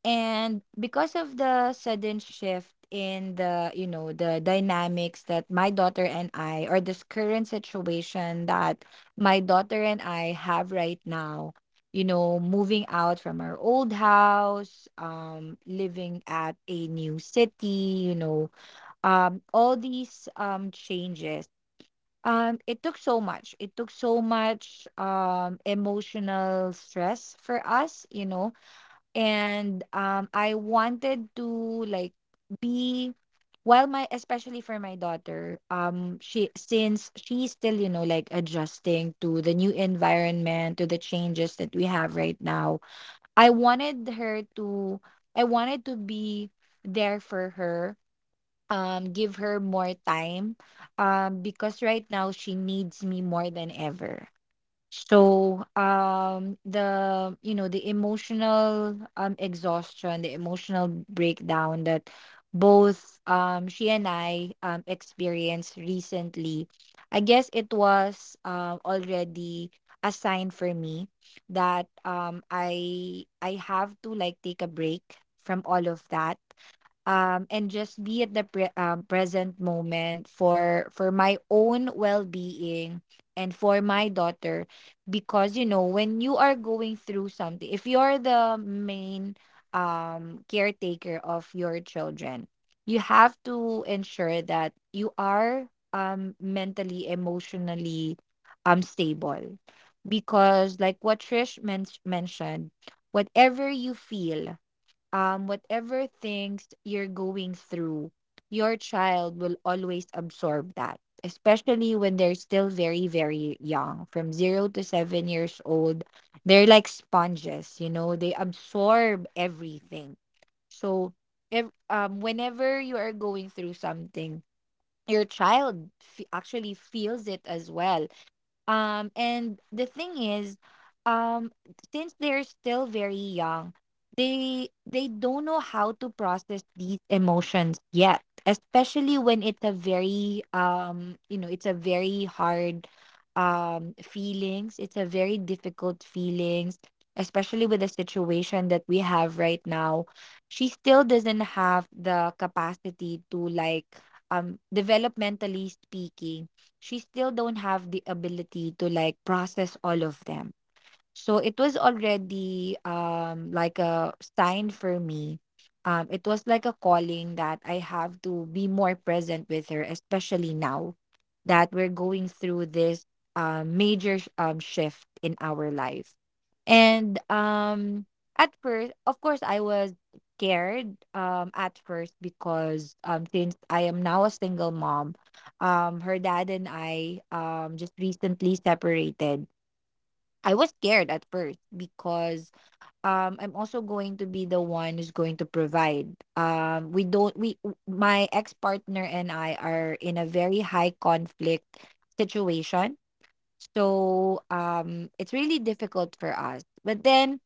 S2: And because of the sudden shift in the you know the dynamics that my daughter and I — or this current situation that my daughter and I have right now — you know, moving out from our old house, living at a new city, you know, all these changes, it took so much. It took so much emotional stress for us. And I wanted to like be — while my especially for my daughter, she — since she's still, you know, like adjusting to the new environment, to the changes that we have right now. I wanted her to I wanted to be there for her, give her more time, because right now she needs me more than ever. So the, the emotional, exhaustion, the emotional breakdown that both, she and I, experienced recently — I guess it was already a sign for me that I have to like take a break from all of that, and just be at the present moment for my own well-being and for my daughter. Because, when you are going through something, if you're the main, caretaker of your children, you have to ensure that you are, mentally, emotionally, stable, because, like what Trish mentioned, whatever you feel, whatever things you're going through, your child will always absorb that, especially when they're still very, very young. From 0 to 7 years old, they're like sponges, they absorb everything. So if, whenever you are going through something, your child actually feels it as well. And the thing is, um, since they're still very young, they don't know how to process these emotions yet, especially when it's a very you know, it's a very hard feelings. It's a very difficult feelings, especially with the situation that we have right now. She still doesn't have the capacity to, like, developmentally speaking, she still don't have the ability to, like, process all of them. So it was already, like a sign for me. It was like a calling that I have to be more present with her, especially now that we're going through this, major shift in our life. And at first, of course, I was scared, at first, because, since I am now a single mom — her dad and I, just recently separated. I was scared at first because, I'm also going to be the one who's going to provide. We don't we w- my ex-partner and I are in a very high conflict situation. So, it's really difficult for us. But then,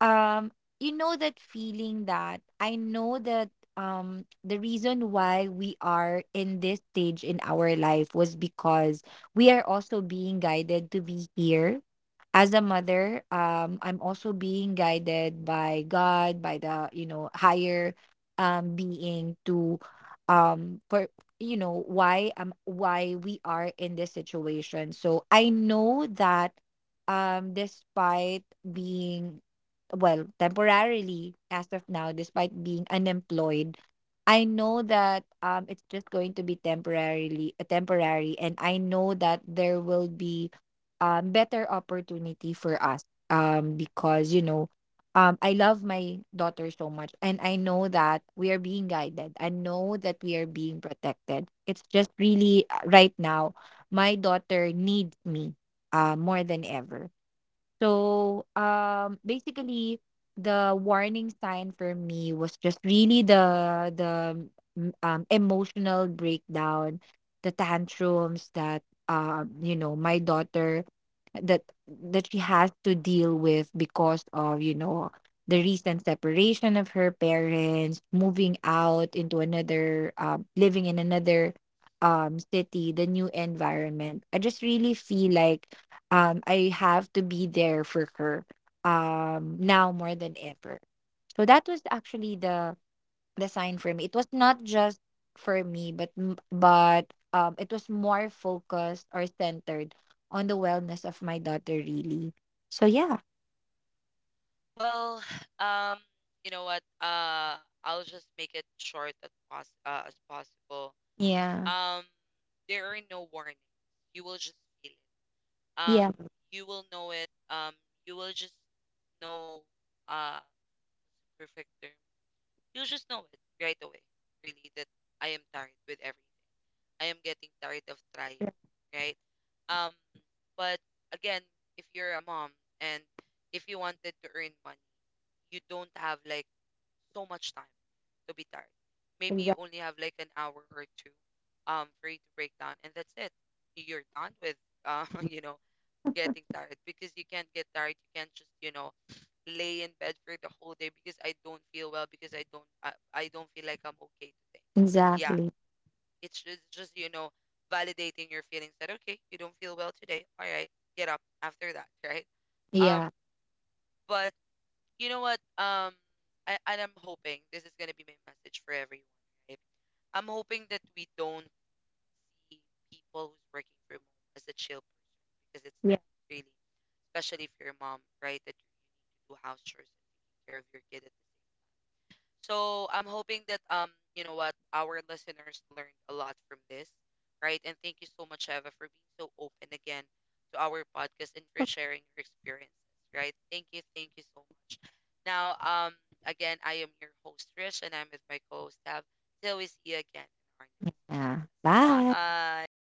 S2: um that feeling that I know that, the reason why we are in this stage in our life was because we are also being guided to be here. As a mother, I'm also being guided by God, by the, higher, being to for you know why we are in this situation. So I know that, despite being — well, temporarily as of now, despite being unemployed, I know that, it's just going to be temporarily temporary, and I know that there will be, better opportunity for us, because, I love my daughter so much, and I know that we are being guided. I know that we are being protected. It's just really, right now, my daughter needs me, more than ever. So, basically, the warning sign for me was just really emotional breakdown, the tantrums that, my daughter — that she has to deal with, because of, the recent separation of her parents, moving out into another, living in another, city, the new environment. I just really feel like, I have to be there for her, now more than ever. So that was actually the sign for me. It was not just for me, but it was more focused, or centered, on the wellness of my daughter, really. So yeah,
S1: Well, [sighs] um, you know what? I'll just make it short as pos as possible.
S2: yeah,
S1: Um, there are no warnings. You will just feel it. Um,
S2: yeah,
S1: you will know it. You will just know uh perfect term. You'll just know it right away. Really, that I am tired with everything. I am getting tired of trying, right? Um, but again, if you're a mom and if you wanted to earn money, you don't have like so much time to be tired. Maybe you
S2: exactly,
S1: only have like an hour or two for you to break down and that's it. You're done with [laughs] you know getting tired, because you can't get tired. You can't just, you know, lay in bed for the whole day because I don't feel well, because I don't feel like I'm okay today. Yeah,
S2: exactly,
S1: it's just you know validating your feelings that okay, you don't feel well today. All right, get up after that, [laughs] right? Um
S2: yeah,
S1: but you know what? I, and I'm hoping this is gonna be my message for everyone, right? I'm hoping that we don't see people who's working from home as a chill person, because it's
S2: yeah.
S1: not really, especially if you're a mom, right? That you need to do house chores and taking care of your kid at, so I'm hoping that you know what our listeners learned a lot from this, right? And thank you so much, Eva, for being so open again to our podcast and for
S2: Okay.
S1: sharing your experiences, right? Thank you so much. Now, again, I am your host Trish, and I'm with my co-host Tab. Till we see you again in our
S2: Yeah.
S1: next.
S2: Bye.
S1: Bye.